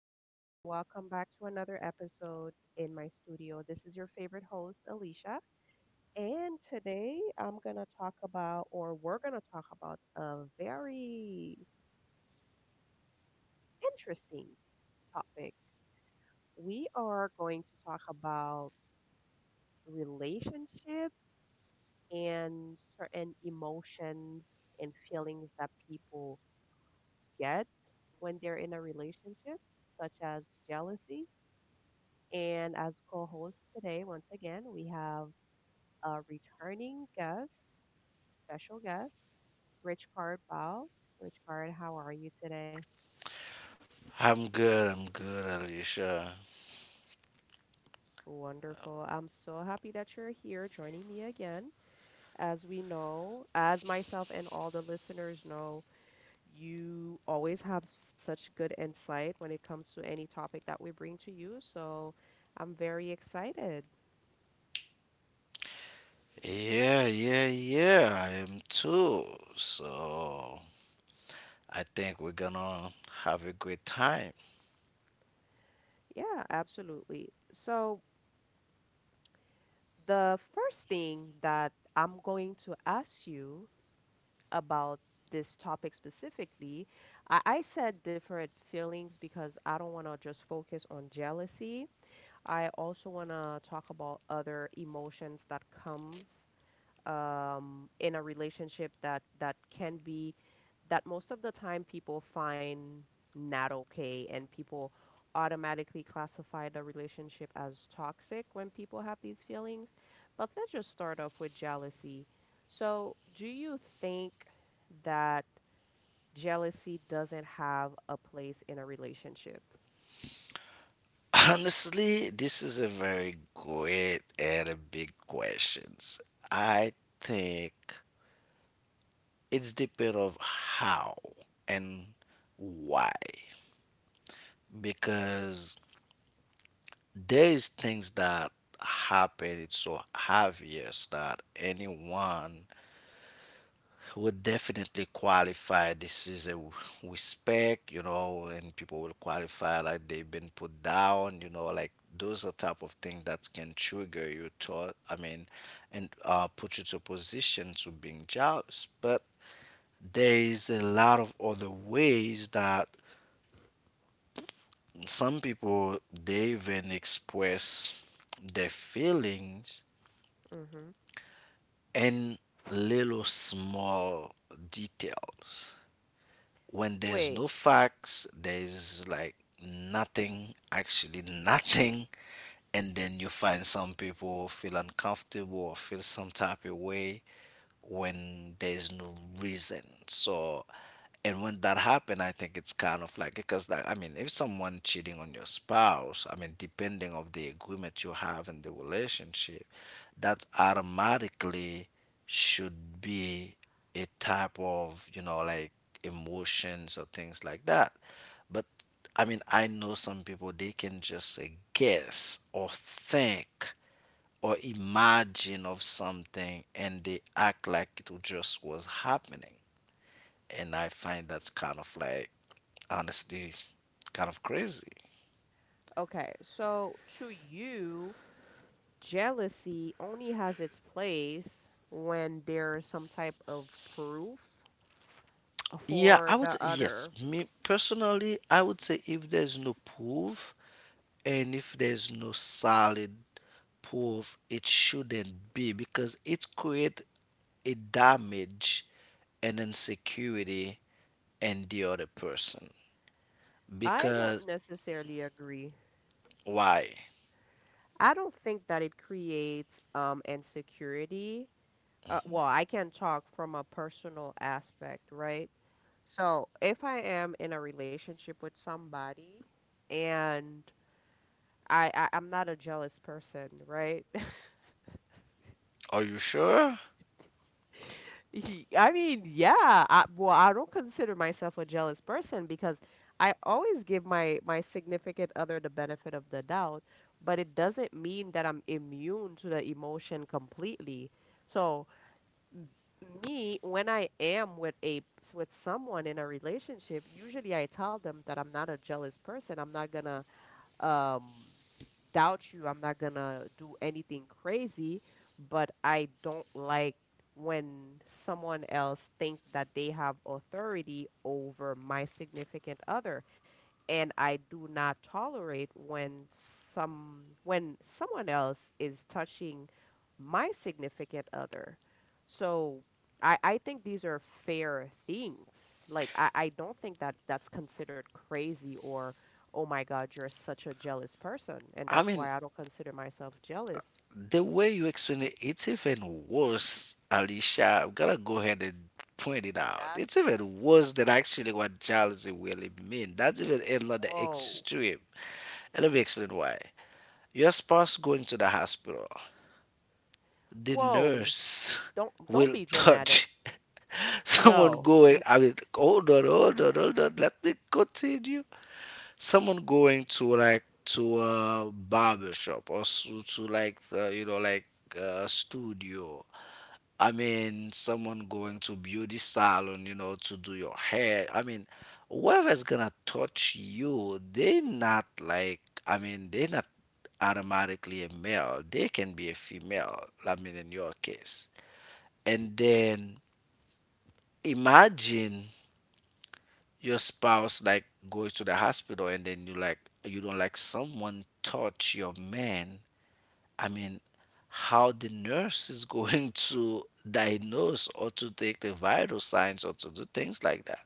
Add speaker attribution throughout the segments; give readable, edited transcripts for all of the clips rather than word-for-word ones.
Speaker 1: Hi, everyone. Welcome back to another episode in my studio. This is your favorite host, Alicia. And today I'm going to talk about, or we're going to talk about, a very interesting topic. We are going to talk about relationships and certain emotions and feelings that people get when they're in a relationship, such as jealousy. And as co host today, once again, we have a returning guest, special guest, Rich Card Ball. Rich Card, how are you today?
Speaker 2: I'm good, Alicia.
Speaker 1: Wonderful. I'm so happy that you're here joining me again. As we know, as myself and all the listeners know, you always have such good insight when it comes to any topic that we bring to you. So I'm very excited.
Speaker 2: Yeah, yeah, yeah, I am too. So I think we're gonna have a great time.
Speaker 1: Yeah, absolutely. So the first thing that I'm going to ask you about this topic specifically, I said different feelings because I don't want to just focus on jealousy. I also want to talk about other emotions that comes in a relationship that can be that most of the time people find not okay and people automatically classify the relationship as toxic when people have these feelings. But let's just start off with jealousy. So, do you think that jealousy doesn't have a place in a relationship?
Speaker 2: Honestly, this is a very great and a big questions. I think it's depend of how and why because there is things that happen it's so obvious that anyone would definitely qualify this is respect you know and people will qualify like they've been put down you know like those are type of things that can trigger you thought. And put you to a position to being jealous but there is a lot of other ways that some people they even express their feelings
Speaker 1: hmm
Speaker 2: in little small details when there's
Speaker 1: Wait,
Speaker 2: no facts, there's like nothing, actually nothing, and then you find some people feel uncomfortable or feel some type of way when there's no reason. So and when that happen, I think it's kind of like because like I mean, if someone cheating on your spouse, I mean, depending of the agreement you have in the relationship, that automatically should be a type of you know like emotions or things like that. But I mean, I know some people they can just guess or think or imagine of something and they act like it just was happening and I find that's kind of like honestly kind of crazy.
Speaker 1: okay. So, to you, jealousy only has its place when there's some type of proof
Speaker 2: Yeah,
Speaker 1: for
Speaker 2: I would,
Speaker 1: the
Speaker 2: yes,
Speaker 1: other.
Speaker 2: me personally, I would say if there's no proof and if there's no solid proof, it shouldn't be because it create a damage and insecurity in the other person.
Speaker 1: I don't
Speaker 2: Because
Speaker 1: necessarily agree.
Speaker 2: why?
Speaker 1: I don't think that it creates insecurity. Well, I can talk from a personal aspect, right? So if I am in a relationship with somebody and I I'm not a jealous person, right?
Speaker 2: Are you sure?
Speaker 1: I mean, yeah. I, well, I don't consider myself a jealous person because I always give my significant other the benefit of the doubt, but it doesn't mean that I'm immune to the emotion completely. So, me, when I am with a with someone in a relationship, usually I tell them that I'm not a jealous person. I'm not gonna um, doubt you. I'm not gonna do anything crazy, but I don't like when someone else think that they have authority over my significant other and I do not tolerate when some when someone else is touching my significant other. So I think these are fair things. Like I don't think that that's considered crazy or oh my God, you're such a jealous person. And
Speaker 2: I
Speaker 1: that's
Speaker 2: mean,
Speaker 1: why I don't consider myself jealous.
Speaker 2: the way you explain it, it's even worse, Alicia. I'm gonna go ahead and point it out.
Speaker 1: That's
Speaker 2: It's
Speaker 1: crazy.
Speaker 2: even worse than actually what jealousy really means. That's even another
Speaker 1: Whoa.
Speaker 2: extreme. And let me explain why. Your spouse going to the hospital, the
Speaker 1: Whoa,
Speaker 2: nurse
Speaker 1: don't
Speaker 2: will
Speaker 1: be dramatic.
Speaker 2: touch someone
Speaker 1: No.
Speaker 2: going. I mean, hold on, hold on, hold on. Let me continue someone going to like to a barber shop or to like you know like studio. I mean someone going to beauty salon you know to do your hair. I mean whoever's gonna touch you they not like. I mean they're not automatically a male, they can be a female. I mean in your case and then imagine your spouse like goes to the hospital and then you like you don't like someone touch your man. I mean how the nurse is going to diagnose or to take the vital signs or to do things like that.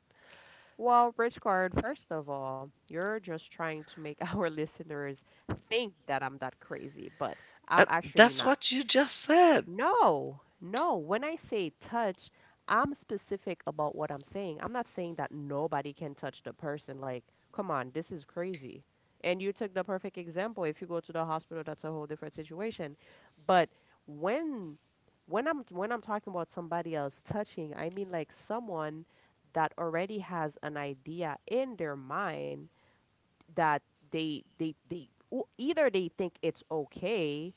Speaker 1: Well, Richard, first of all, you're just trying to make our listeners think that I'm that crazy, but
Speaker 2: Uh,
Speaker 1: I'm actually
Speaker 2: that's
Speaker 1: not.
Speaker 2: what you just said.
Speaker 1: No, no. When I say touch, I'm specific about what I'm saying. I'm not saying that nobody can touch the person. Like, come on, this is crazy. And you took the perfect example. If you go to the hospital, that's a whole different situation. But when when I'm talking about somebody else touching, I mean like someone that already has an idea in their mind that they o- either they think it's okay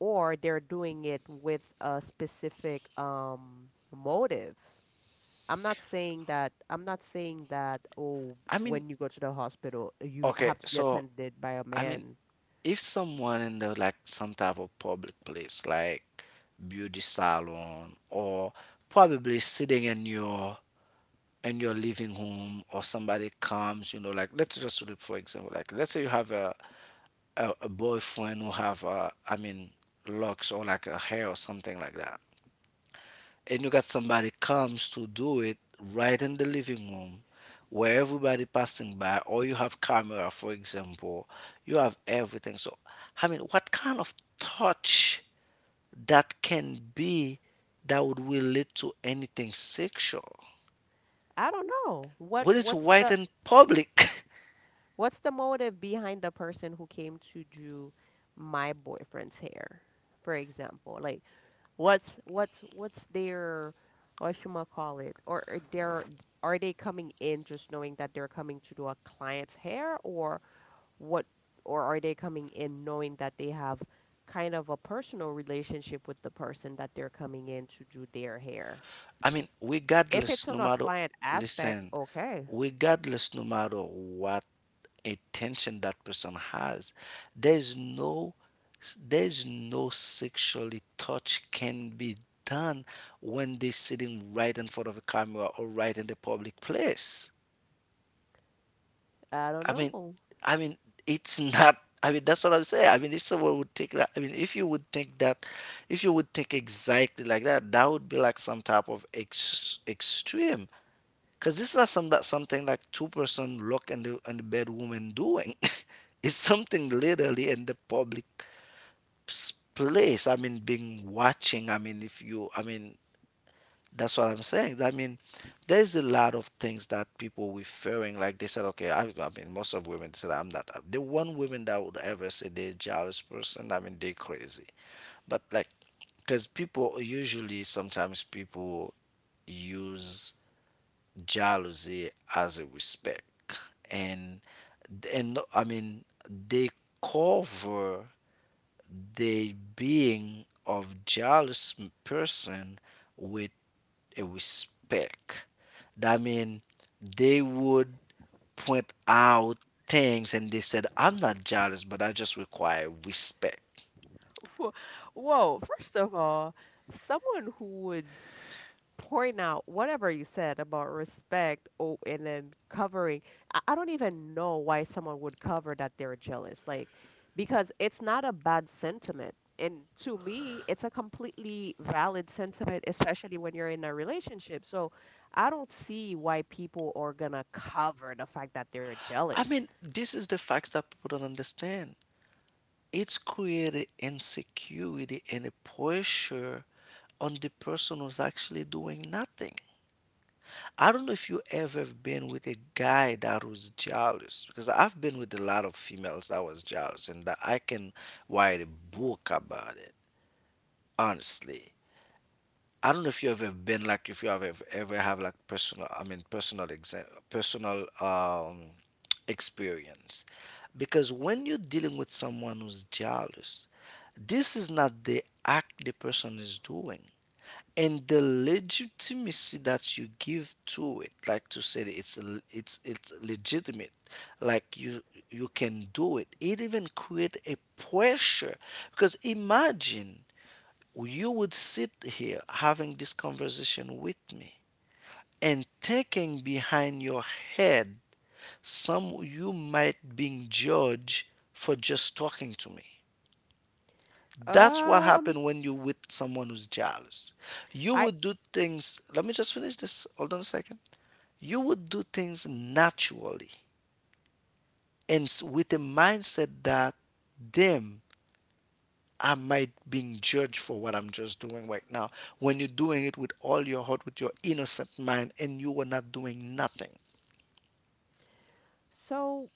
Speaker 1: or they're doing it with a specific motive. I'm not saying that oh
Speaker 2: I
Speaker 1: when
Speaker 2: mean
Speaker 1: you go to the hospital you have
Speaker 2: okay
Speaker 1: to be
Speaker 2: so
Speaker 1: attended by a
Speaker 2: I mean
Speaker 1: man.
Speaker 2: if someone in the like some type of public place like beauty salon or probably sitting in your and you're leaving home or somebody comes you know like let's just look for example like let's say you have a boyfriend who have a, I mean locks or like a hair or something like that and you got somebody comes to do it right in the living room where everybody passing by or you have camera for example you have everything so I mean what kind of touch that can be that would relate to anything sexual
Speaker 1: I don't know.
Speaker 2: when it's
Speaker 1: What's
Speaker 2: white
Speaker 1: the
Speaker 2: and public.
Speaker 1: what's the motive behind the person who came to do my boyfriend's hair, for example? Like what's what's their what you might call it? Or are they're are they coming in just knowing that they're coming to do a client's hair or what or are they coming in knowing that they have kind of a personal relationship with the person that they're coming in to do their hair?
Speaker 2: I mean,
Speaker 1: If
Speaker 2: regardless,
Speaker 1: it's
Speaker 2: no
Speaker 1: on a
Speaker 2: matter,
Speaker 1: client aspect,
Speaker 2: listen,
Speaker 1: okay.
Speaker 2: regardless, no matter what attention that person has, there's no, there's no sexually touch can be done when they're sitting right in front of a camera or right in the public place.
Speaker 1: I don't
Speaker 2: I mean,
Speaker 1: know.
Speaker 2: I mean, it's not. I mean, that's what I'm saying. I mean, if someone would take. That, I mean, if you would think that, if you would think exactly like that, that would be like some type of extreme. Because this is not some, that something like two-person look in the bedroom and doing. It's something literally in the public place. I mean, being watching. I mean, if you, I mean, that's what I'm saying. I mean, there's a lot of things that people referring like they said, okay, I mean, most of women said I'm not. The one woman that would ever say they're jealous person, I mean, they crazy. But like, because people usually sometimes people use jealousy as a respect and and I mean they cover the being of jealous person with a respect that mean they would point out things and they said I'm not jealous but I just require respect.
Speaker 1: Whoa, first of all, someone who would point out whatever you said about respect oh, and then covering. I don't even know why someone would cover that they're jealous. Like, because it's not a bad sentiment. And to me, it's a completely valid sentiment, especially when you're in a relationship. So I don't see why people are gonna cover the fact that they're
Speaker 2: I
Speaker 1: jealous.
Speaker 2: mean, this is the fact that people don't understand. It's created insecurity and a pressure on the person who's actually doing nothing. I don't know if you ever have been with a guy that was jealous, because I've been with a lot of females that was jealous, and that I can write a book about it, honestly. I don't know if you ever been like if you have ever, ever have like personal, I mean personal exam, personal experience, because when you're dealing with someone who's jealous, this is not the act the person is doing. And the legitimacy that you give to it like to say that it's it's legitimate like you can do it it even create a pressure because imagine you would sit here having this conversation with me and thinking behind your head some you might being judged for just talking to me. That's what
Speaker 1: Um,
Speaker 2: happened when you're with someone who's jealous. You
Speaker 1: I
Speaker 2: would do things, let me just finish this, hold on a second. You would do things naturally and with a mindset that, damn, I might being judged for what I'm just doing right now. When you're doing it with all your heart, with your innocent mind, and you were not doing nothing.
Speaker 1: so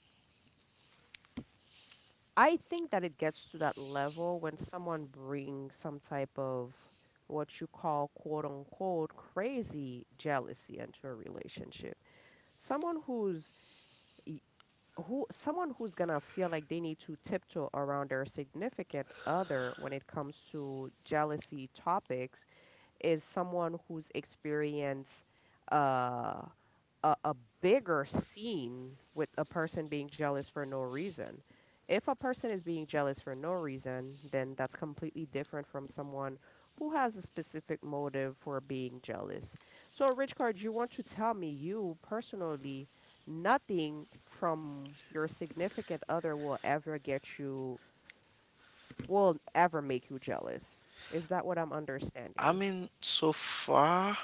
Speaker 1: I think that it gets to that level when someone brings some type of what you call quote unquote crazy jealousy into a relationship. Someone who's e- who someone who's gonna feel like they need to tiptoe around their significant other when it comes to jealousy topics is someone who's experienced uh a bigger scene with a person being jealous for no reason. If a person is being jealous for no reason, then that's completely different from someone who has a specific motive for being jealous. So, Rich Card, you want to tell me you personally, nothing from your significant other will ever get you, will ever make you jealous. Is that what I'm
Speaker 2: I
Speaker 1: understanding?
Speaker 2: mean, so far,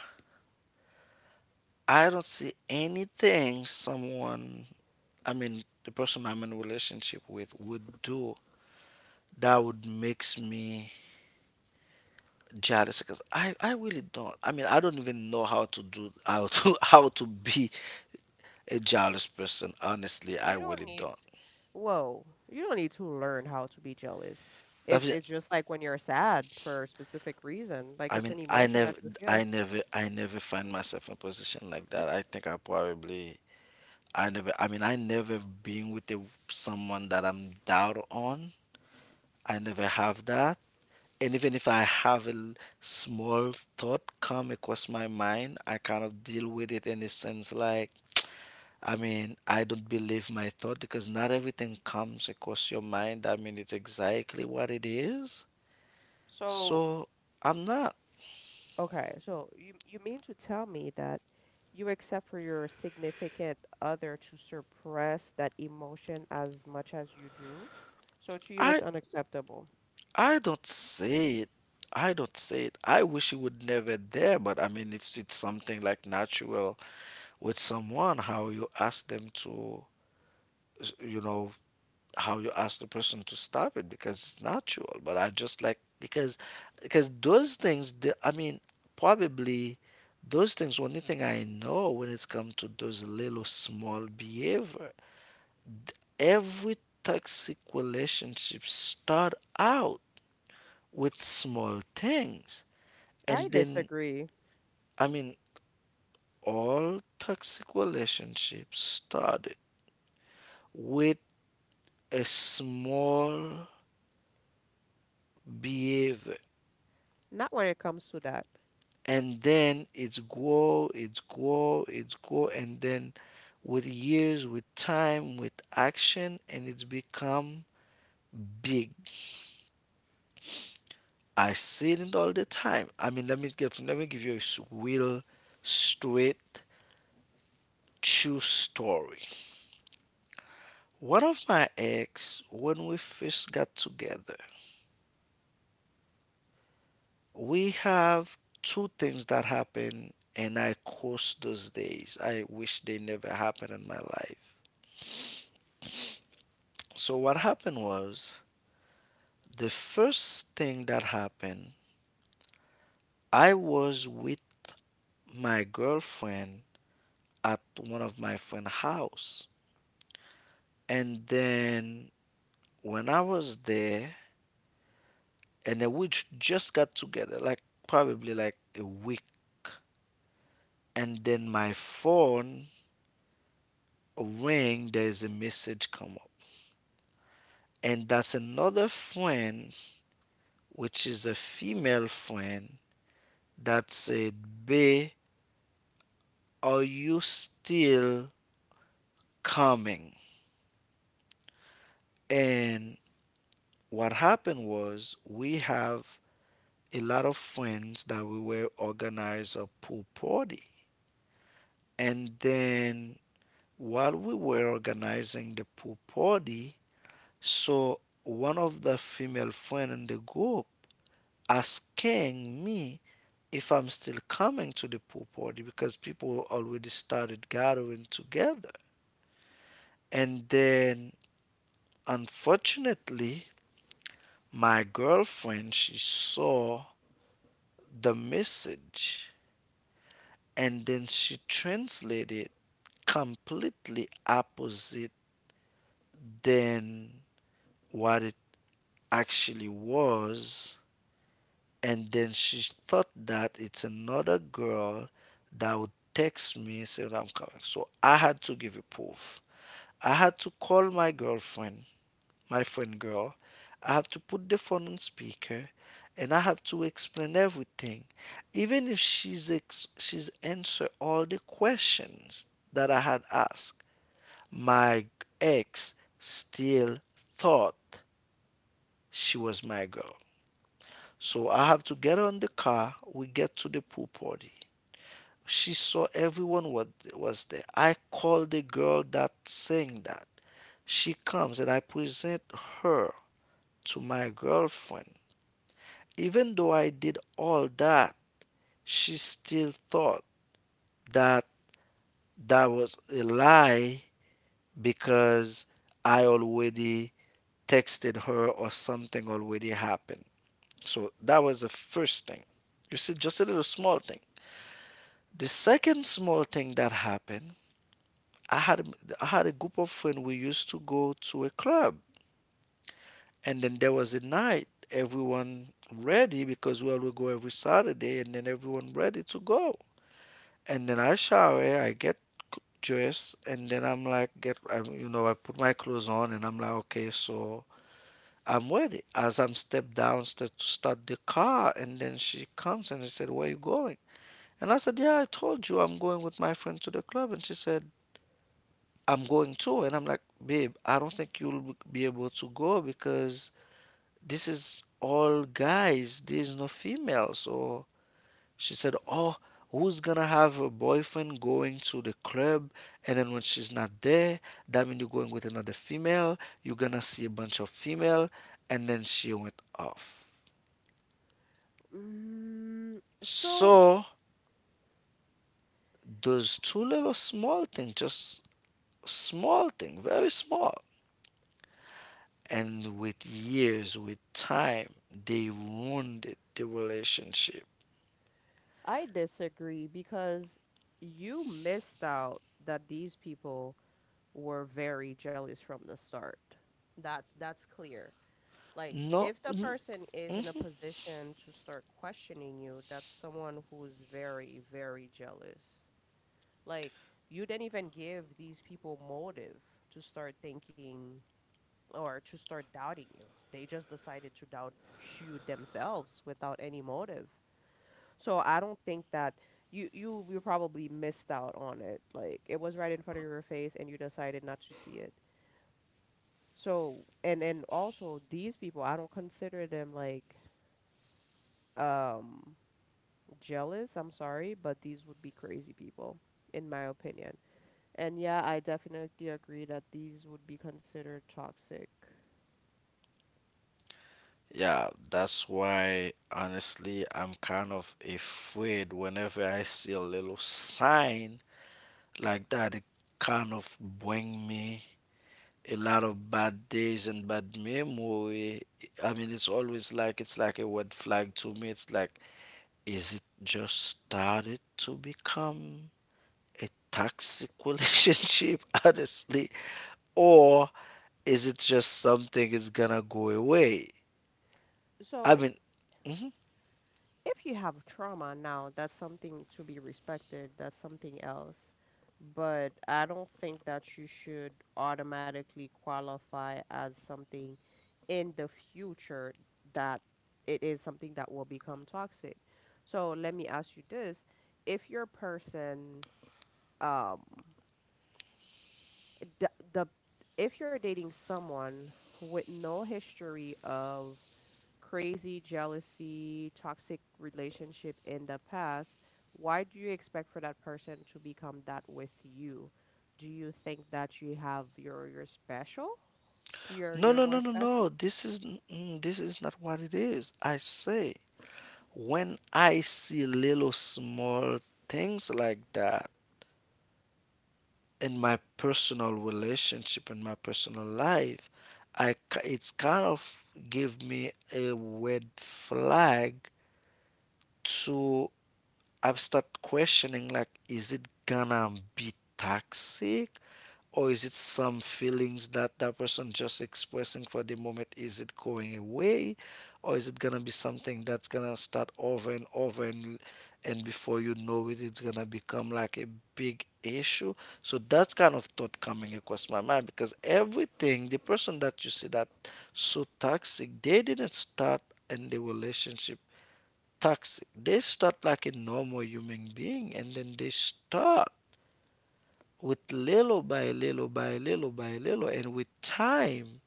Speaker 2: I don't see anything someone, I mean, the person I'm in a relationship with would do that would makes me jealous because I really don't. I mean I don't even know how to do how to how to be a jealous person honestly
Speaker 1: You
Speaker 2: I
Speaker 1: don't
Speaker 2: really
Speaker 1: need
Speaker 2: don't.
Speaker 1: whoa, you don't need to learn how to be jealous.
Speaker 2: i
Speaker 1: It's
Speaker 2: mean
Speaker 1: just like when you're sad for a specific reason, like it's an
Speaker 2: I
Speaker 1: emotion
Speaker 2: never
Speaker 1: that you
Speaker 2: i
Speaker 1: feel.
Speaker 2: never i never find myself in a position like that. I think I probably I mean I never been with a, someone that I'm down on. I never have that and even if I have a small thought come across my mind I kind of deal with it in a sense like I mean, I don't believe my thought because not everything comes across your mind. I mean, it's exactly what it is.
Speaker 1: So,
Speaker 2: So I'm not.
Speaker 1: okay, so you mean to tell me that you accept for your significant other to suppress that emotion as much as you do? So to you
Speaker 2: I
Speaker 1: it's unacceptable.
Speaker 2: I don't say it. I don't say it. I wish it would never there. But I mean, if it's something like natural with someone, how you ask them to, you know, how you ask the person to stop it because it's natural. But I just like because those things. The, I mean, probably those things. Only thing I know when it's come to those little small behavior. Every toxic relationship start out with small things,
Speaker 1: I
Speaker 2: and then
Speaker 1: disagree.
Speaker 2: I mean, all toxic relationships started with a small behavior
Speaker 1: Not when it comes to that.
Speaker 2: and then it's grow, it's grow, it's grow, and then with years, with time, with action, and it's become big. I see it all the time. I mean, let me give you a real straight true story. One of my ex, when we first got together, we have two things that happened, and I curse those days. I wish they never happened in my life. So what happened was the first thing that happened, I was with my girlfriend at one of my friend's house. And then when I was there, and then we just got together, like probably like a week. And then my phone ring, there's a message come up. And that's another friend, which is a female friend, that said, bae, are you still coming? And what happened was we have a lot of friends that we were organize a pool party and then while we were organizing the pool party, so one of the female friend in the group asking me if I'm still coming to the pool party because people already started gathering together and then unfortunately my girlfriend she saw the message and then she translated completely opposite than what it actually was and then she thought that it's another girl that would text me saying I'm coming. So I had to give a proof, I had to call my girlfriend my friend girl, I have to put the phone on speaker and I have to explain everything. Even if she's answer all the questions that I had asked, my ex still thought she was my girl. So I have to get her in the car. We get to the pool party. She saw everyone what was there. I called the girl that sang that. She comes and I present her to my girlfriend. Even though I did all that, she still thought that that was a lie because I already texted her or something already happened. So that was the first thing. You see, just a little small thing. The second small thing that happened, I had a group of friends. We used to go to a club, and then there was a night everyone ready because well, we always go every Saturday, and then everyone ready to go. And then I shower, dressed, and then I'm like, get, I, you know, I put my clothes on, and I'm like, okay, so I'm ready. As I'm step downstairs to start the car, and then she comes and I said, where you going? And I said, yeah, I told you I'm going with my friend to the club. And she said, I'm going too. And I'm like, babe, I don't think you'll be able to go because this is all guys, there's no females. So she said, oh, who's gonna have a boyfriend going to the club? And then when she's not there, that means you're going with another female, you're gonna see a bunch of female. And then she went off.
Speaker 1: Mm, so
Speaker 2: So those two little small things, just small thing, very small, and with years, with time they wounded the relationship.
Speaker 1: I disagree because you missed out that these people were very jealous from the start. That that's clear. Like
Speaker 2: No
Speaker 1: if the
Speaker 2: n-
Speaker 1: person is in a position to start questioning you, that's someone who's very, very jealous. Like you didn't even give these people motive to start thinking or to start doubting you. They just decided to doubt you themselves without any motive. So I don't think that you probably missed out on it. Like it was right in front of your face and you decided not to see it. So and also these people, I don't consider them like um jealous, I'm sorry, but these would be crazy people in my opinion. And yeah, I definitely agree that these would be considered toxic.
Speaker 2: Yeah, that's why honestly I'm kind of afraid. Whenever I see a little sign like that, it kind of bring me a lot of bad days and bad memory. I mean, it's always like, it's like a red flag to me. It's like, is it just started to become a toxic relationship honestly, or is it just something is gonna go away? I
Speaker 1: So
Speaker 2: mean, mhm.
Speaker 1: if you have trauma now, that's something to be respected, that's something else. But I don't think that you should automatically qualify as something in the future that it is something that will become toxic. So let me ask you this. If your person, um, the if you're dating someone with no history of crazy, jealousy, toxic relationship in the past, why do you expect for that person to become that with you? Do you think that you have your special?
Speaker 2: No,
Speaker 1: You're
Speaker 2: no,
Speaker 1: more
Speaker 2: no, no,
Speaker 1: special?
Speaker 2: no. This is this is not what it is. I say when I see little small things like that in my personal relationship, in my personal life, it's kind of give me a red flag to, I've started questioning like, is it gonna be toxic? Or is it some feelings that that person just expressing for the moment? Is it going away? Or is it gonna be something that's gonna start over and over, and before you know it, it's gonna become like a big issue? So that's kind of thought coming across my mind because everything, the person that you see that so toxic, they didn't start in the relationship toxic. They start like a normal human being and then they start with little by little by little by little, and with time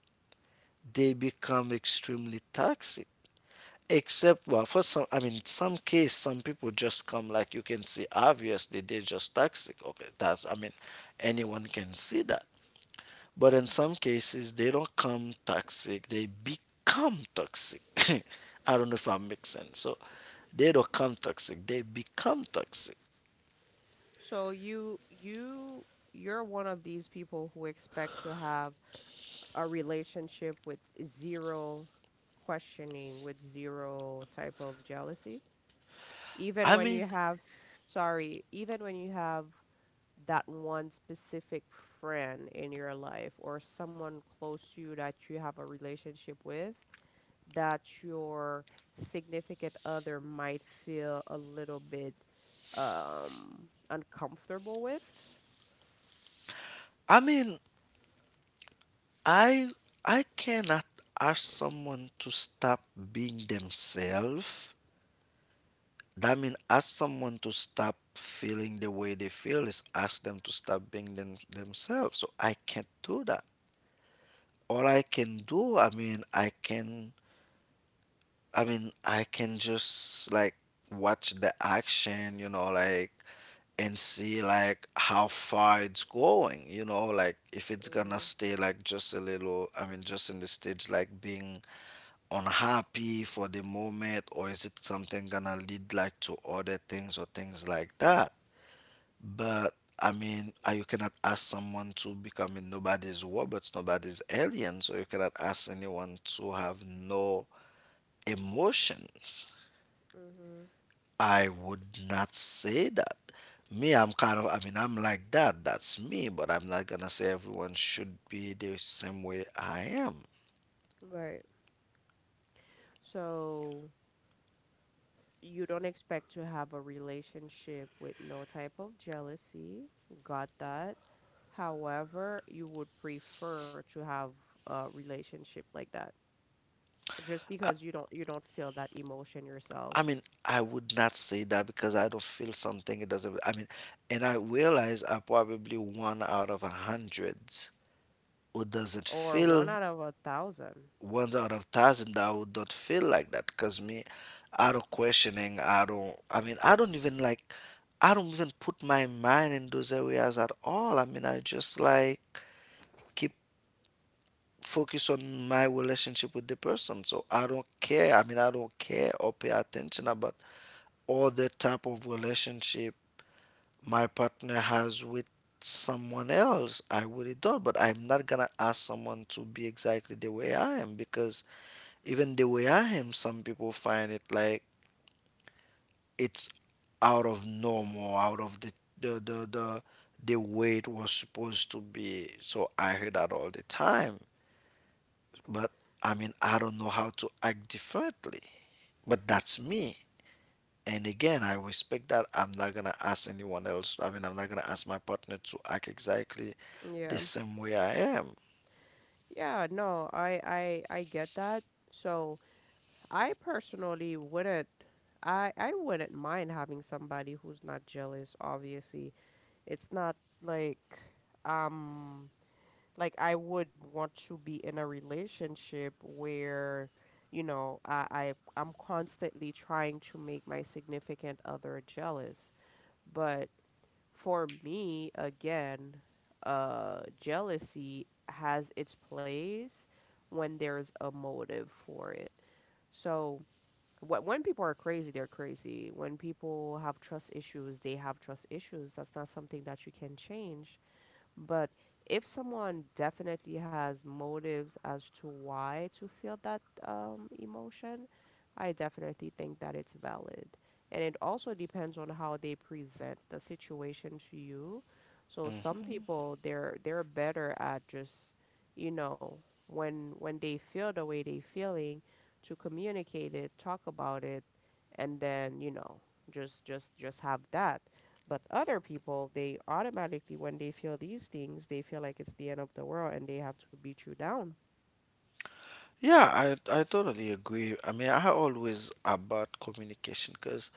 Speaker 2: they become extremely toxic. Except well for some, I mean some case, some people just come like, you can see obviously they're just toxic. Okay, that's, I mean, anyone can see that. But in some cases they don't come toxic, they become toxic. I don't know if I make sense. So they don't come toxic, they become toxic.
Speaker 1: So you're one of these people who expect to have a relationship with zero questioning, with zero type of jealousy, even
Speaker 2: I
Speaker 1: when
Speaker 2: mean,
Speaker 1: you have, sorry, even when you have that one specific friend in your life or someone close to you that you have a relationship with that your significant other might feel a little bit uncomfortable with.
Speaker 2: I mean, I I cannot ask someone to stop being themselves. That mean ask someone to stop feeling the way they feel is ask them to stop being them, themselves. So I can't do that. All I can do, I mean, I can just like watch the action, you know, like, and see like how far it's going, you know, like if it's gonna
Speaker 1: Mhm.
Speaker 2: stay like just a little, I mean, just in the stage like being unhappy for the moment, or is it something gonna lead like to other things or things like that? But I mean, you cannot ask someone to become a nobody's robots, nobody's alien, so you cannot ask anyone to have no emotions.
Speaker 1: Mhm.
Speaker 2: I would not say that. Me, I'm kind of, I mean, I'm like that. That's me, but I'm not gonna say everyone should be the same way I am.
Speaker 1: Right. So you don't expect to have a relationship with no type of jealousy. Got that. However, you would prefer to have a relationship like that, just because you don't feel that emotion
Speaker 2: I
Speaker 1: yourself.
Speaker 2: mean, I would not say that because I don't feel something. It doesn't, I mean, and I realize I probably one out of 100 who doesn't
Speaker 1: Or one
Speaker 2: feel,
Speaker 1: out of a thousand.
Speaker 2: ones out of 1,000, that I would not feel like that because me, I don't questioning. I don't. I mean, I don't even like. I don't even put my mind in those areas at all. I mean, I just like keep focus on my relationship with the person. So I don't care. I mean, I don't care or pay attention about all the type of relationship my partner has with someone else. I really don't. But I'm not gonna ask someone to be exactly the way I am because even the way I am, some people find it like, it's out of normal, out of the the the, the way it was supposed to be. So I hear that all the time. But I mean, I don't know how to act differently. But that's me. And again, I respect that. I'm not gonna ask anyone else. I mean, I'm not gonna ask my partner to act exactly the
Speaker 1: Yeah,
Speaker 2: same way I am.
Speaker 1: yeah. No, I get that. So I personally wouldn't, I wouldn't mind having somebody who's not jealous. Obviously, it's not like, um like I would want to be in a relationship where, you know, I I'm constantly trying to make my significant other jealous, but for me, again, jealousy has its place when there's a motive for it. So, when people are crazy, they're crazy. When people have trust issues, they have trust issues. That's not something that you can change. But if someone definitely has motives as to why to feel that emotion, I definitely think that it's valid. And it also depends on how they present the situation to you. So some
Speaker 2: Hmm.
Speaker 1: people they're better at just, you know, when they feel the way they feeling, to communicate it, talk about it, and then, you know, just have that. But other people, they automatically, when they feel these things, they feel like it's the end of the world and they have to beat you down.
Speaker 2: Yeah, I totally agree. I mean, I always about communication because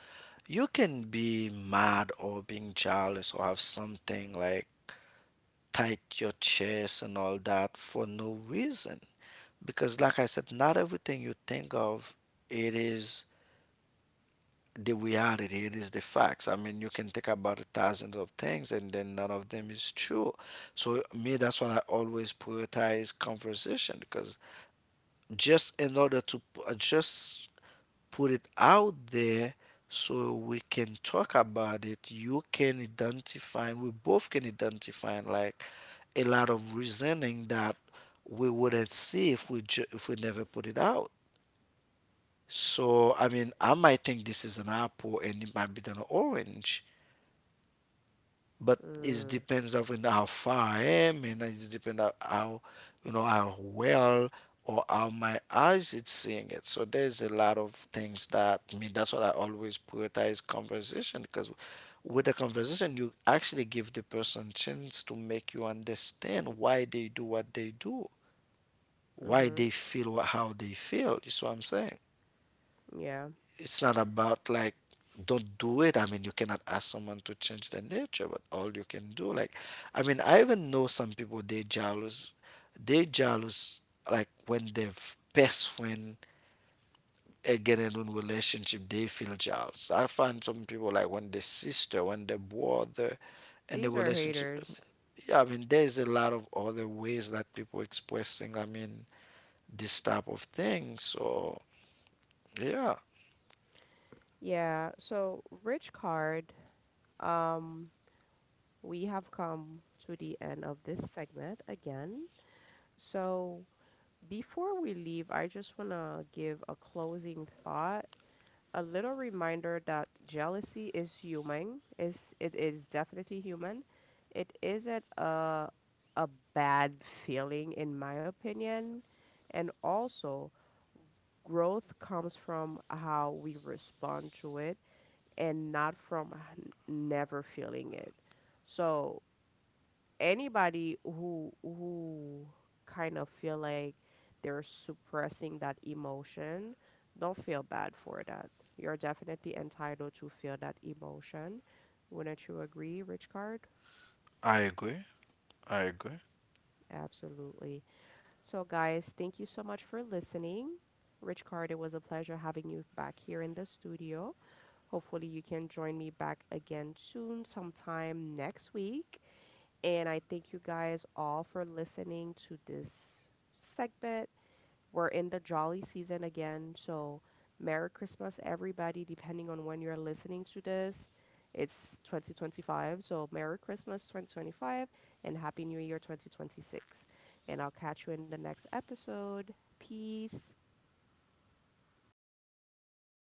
Speaker 2: you can be mad or being jealous or have something like tight your chest and all that for no reason. Because, like I said, not everything you think of, it is the reality, it is the facts. I mean, you can think about thousands of things and then none of them is true. So, me, that's why I always prioritize conversation because just in order to, just put it out there so we can talk about it. You can identify, we both can identify like a lot of reasoning that we wouldn't see if we never put it out. So I mean, I might think this is an apple and it might be an orange, but it
Speaker 1: Mm,
Speaker 2: depends on how far I am, and it depends on how, you know, how well or how my eyes it's seeing it. So there's a lot of things that I mean. That's what I always prioritize conversation because with a conversation you actually give the person chance to make you understand why they do what they do, why
Speaker 1: mhm.
Speaker 2: they feel how they feel. You see what I'm saying?
Speaker 1: Yeah.
Speaker 2: It's not about like don't do it. I mean, you cannot ask someone to change their nature, but all you can do, like, I mean, I even know some people, they jealous, they jealous, like when their best friend get in a relationship, they feel jealous. I find some people like when their sister, when their brother, and the
Speaker 1: These are
Speaker 2: relationship.
Speaker 1: haters.
Speaker 2: Yeah, I mean, there is a lot of other ways that people expressing, I mean, this type of thing. So yeah,
Speaker 1: Yeah, so Rich Card, um, we have come to the end of this segment again. So before we leave, I just want to give a closing thought, a little reminder that jealousy is human, is it is definitely human. It isn't a bad feeling in my opinion. And also, growth comes from how we respond to it and not from never feeling it. So, anybody who kind of feel like they're suppressing that emotion, don't feel bad for that. You're definitely entitled to feel that emotion. Wouldn't you agree, Rich Card?
Speaker 2: I agree. I agree.
Speaker 1: Absolutely. So, guys, thank you so much for listening. Rich Card, it was a pleasure having you back here in the studio. Hopefully, you can join me back again soon, sometime next week. And I thank you guys all for listening to this segment. We're in the jolly season again. So, Merry Christmas, everybody, depending on when you're listening to this. It's 2025. So, Merry Christmas 2025 and Happy New Year 2026. And I'll catch you in the next episode. Peace.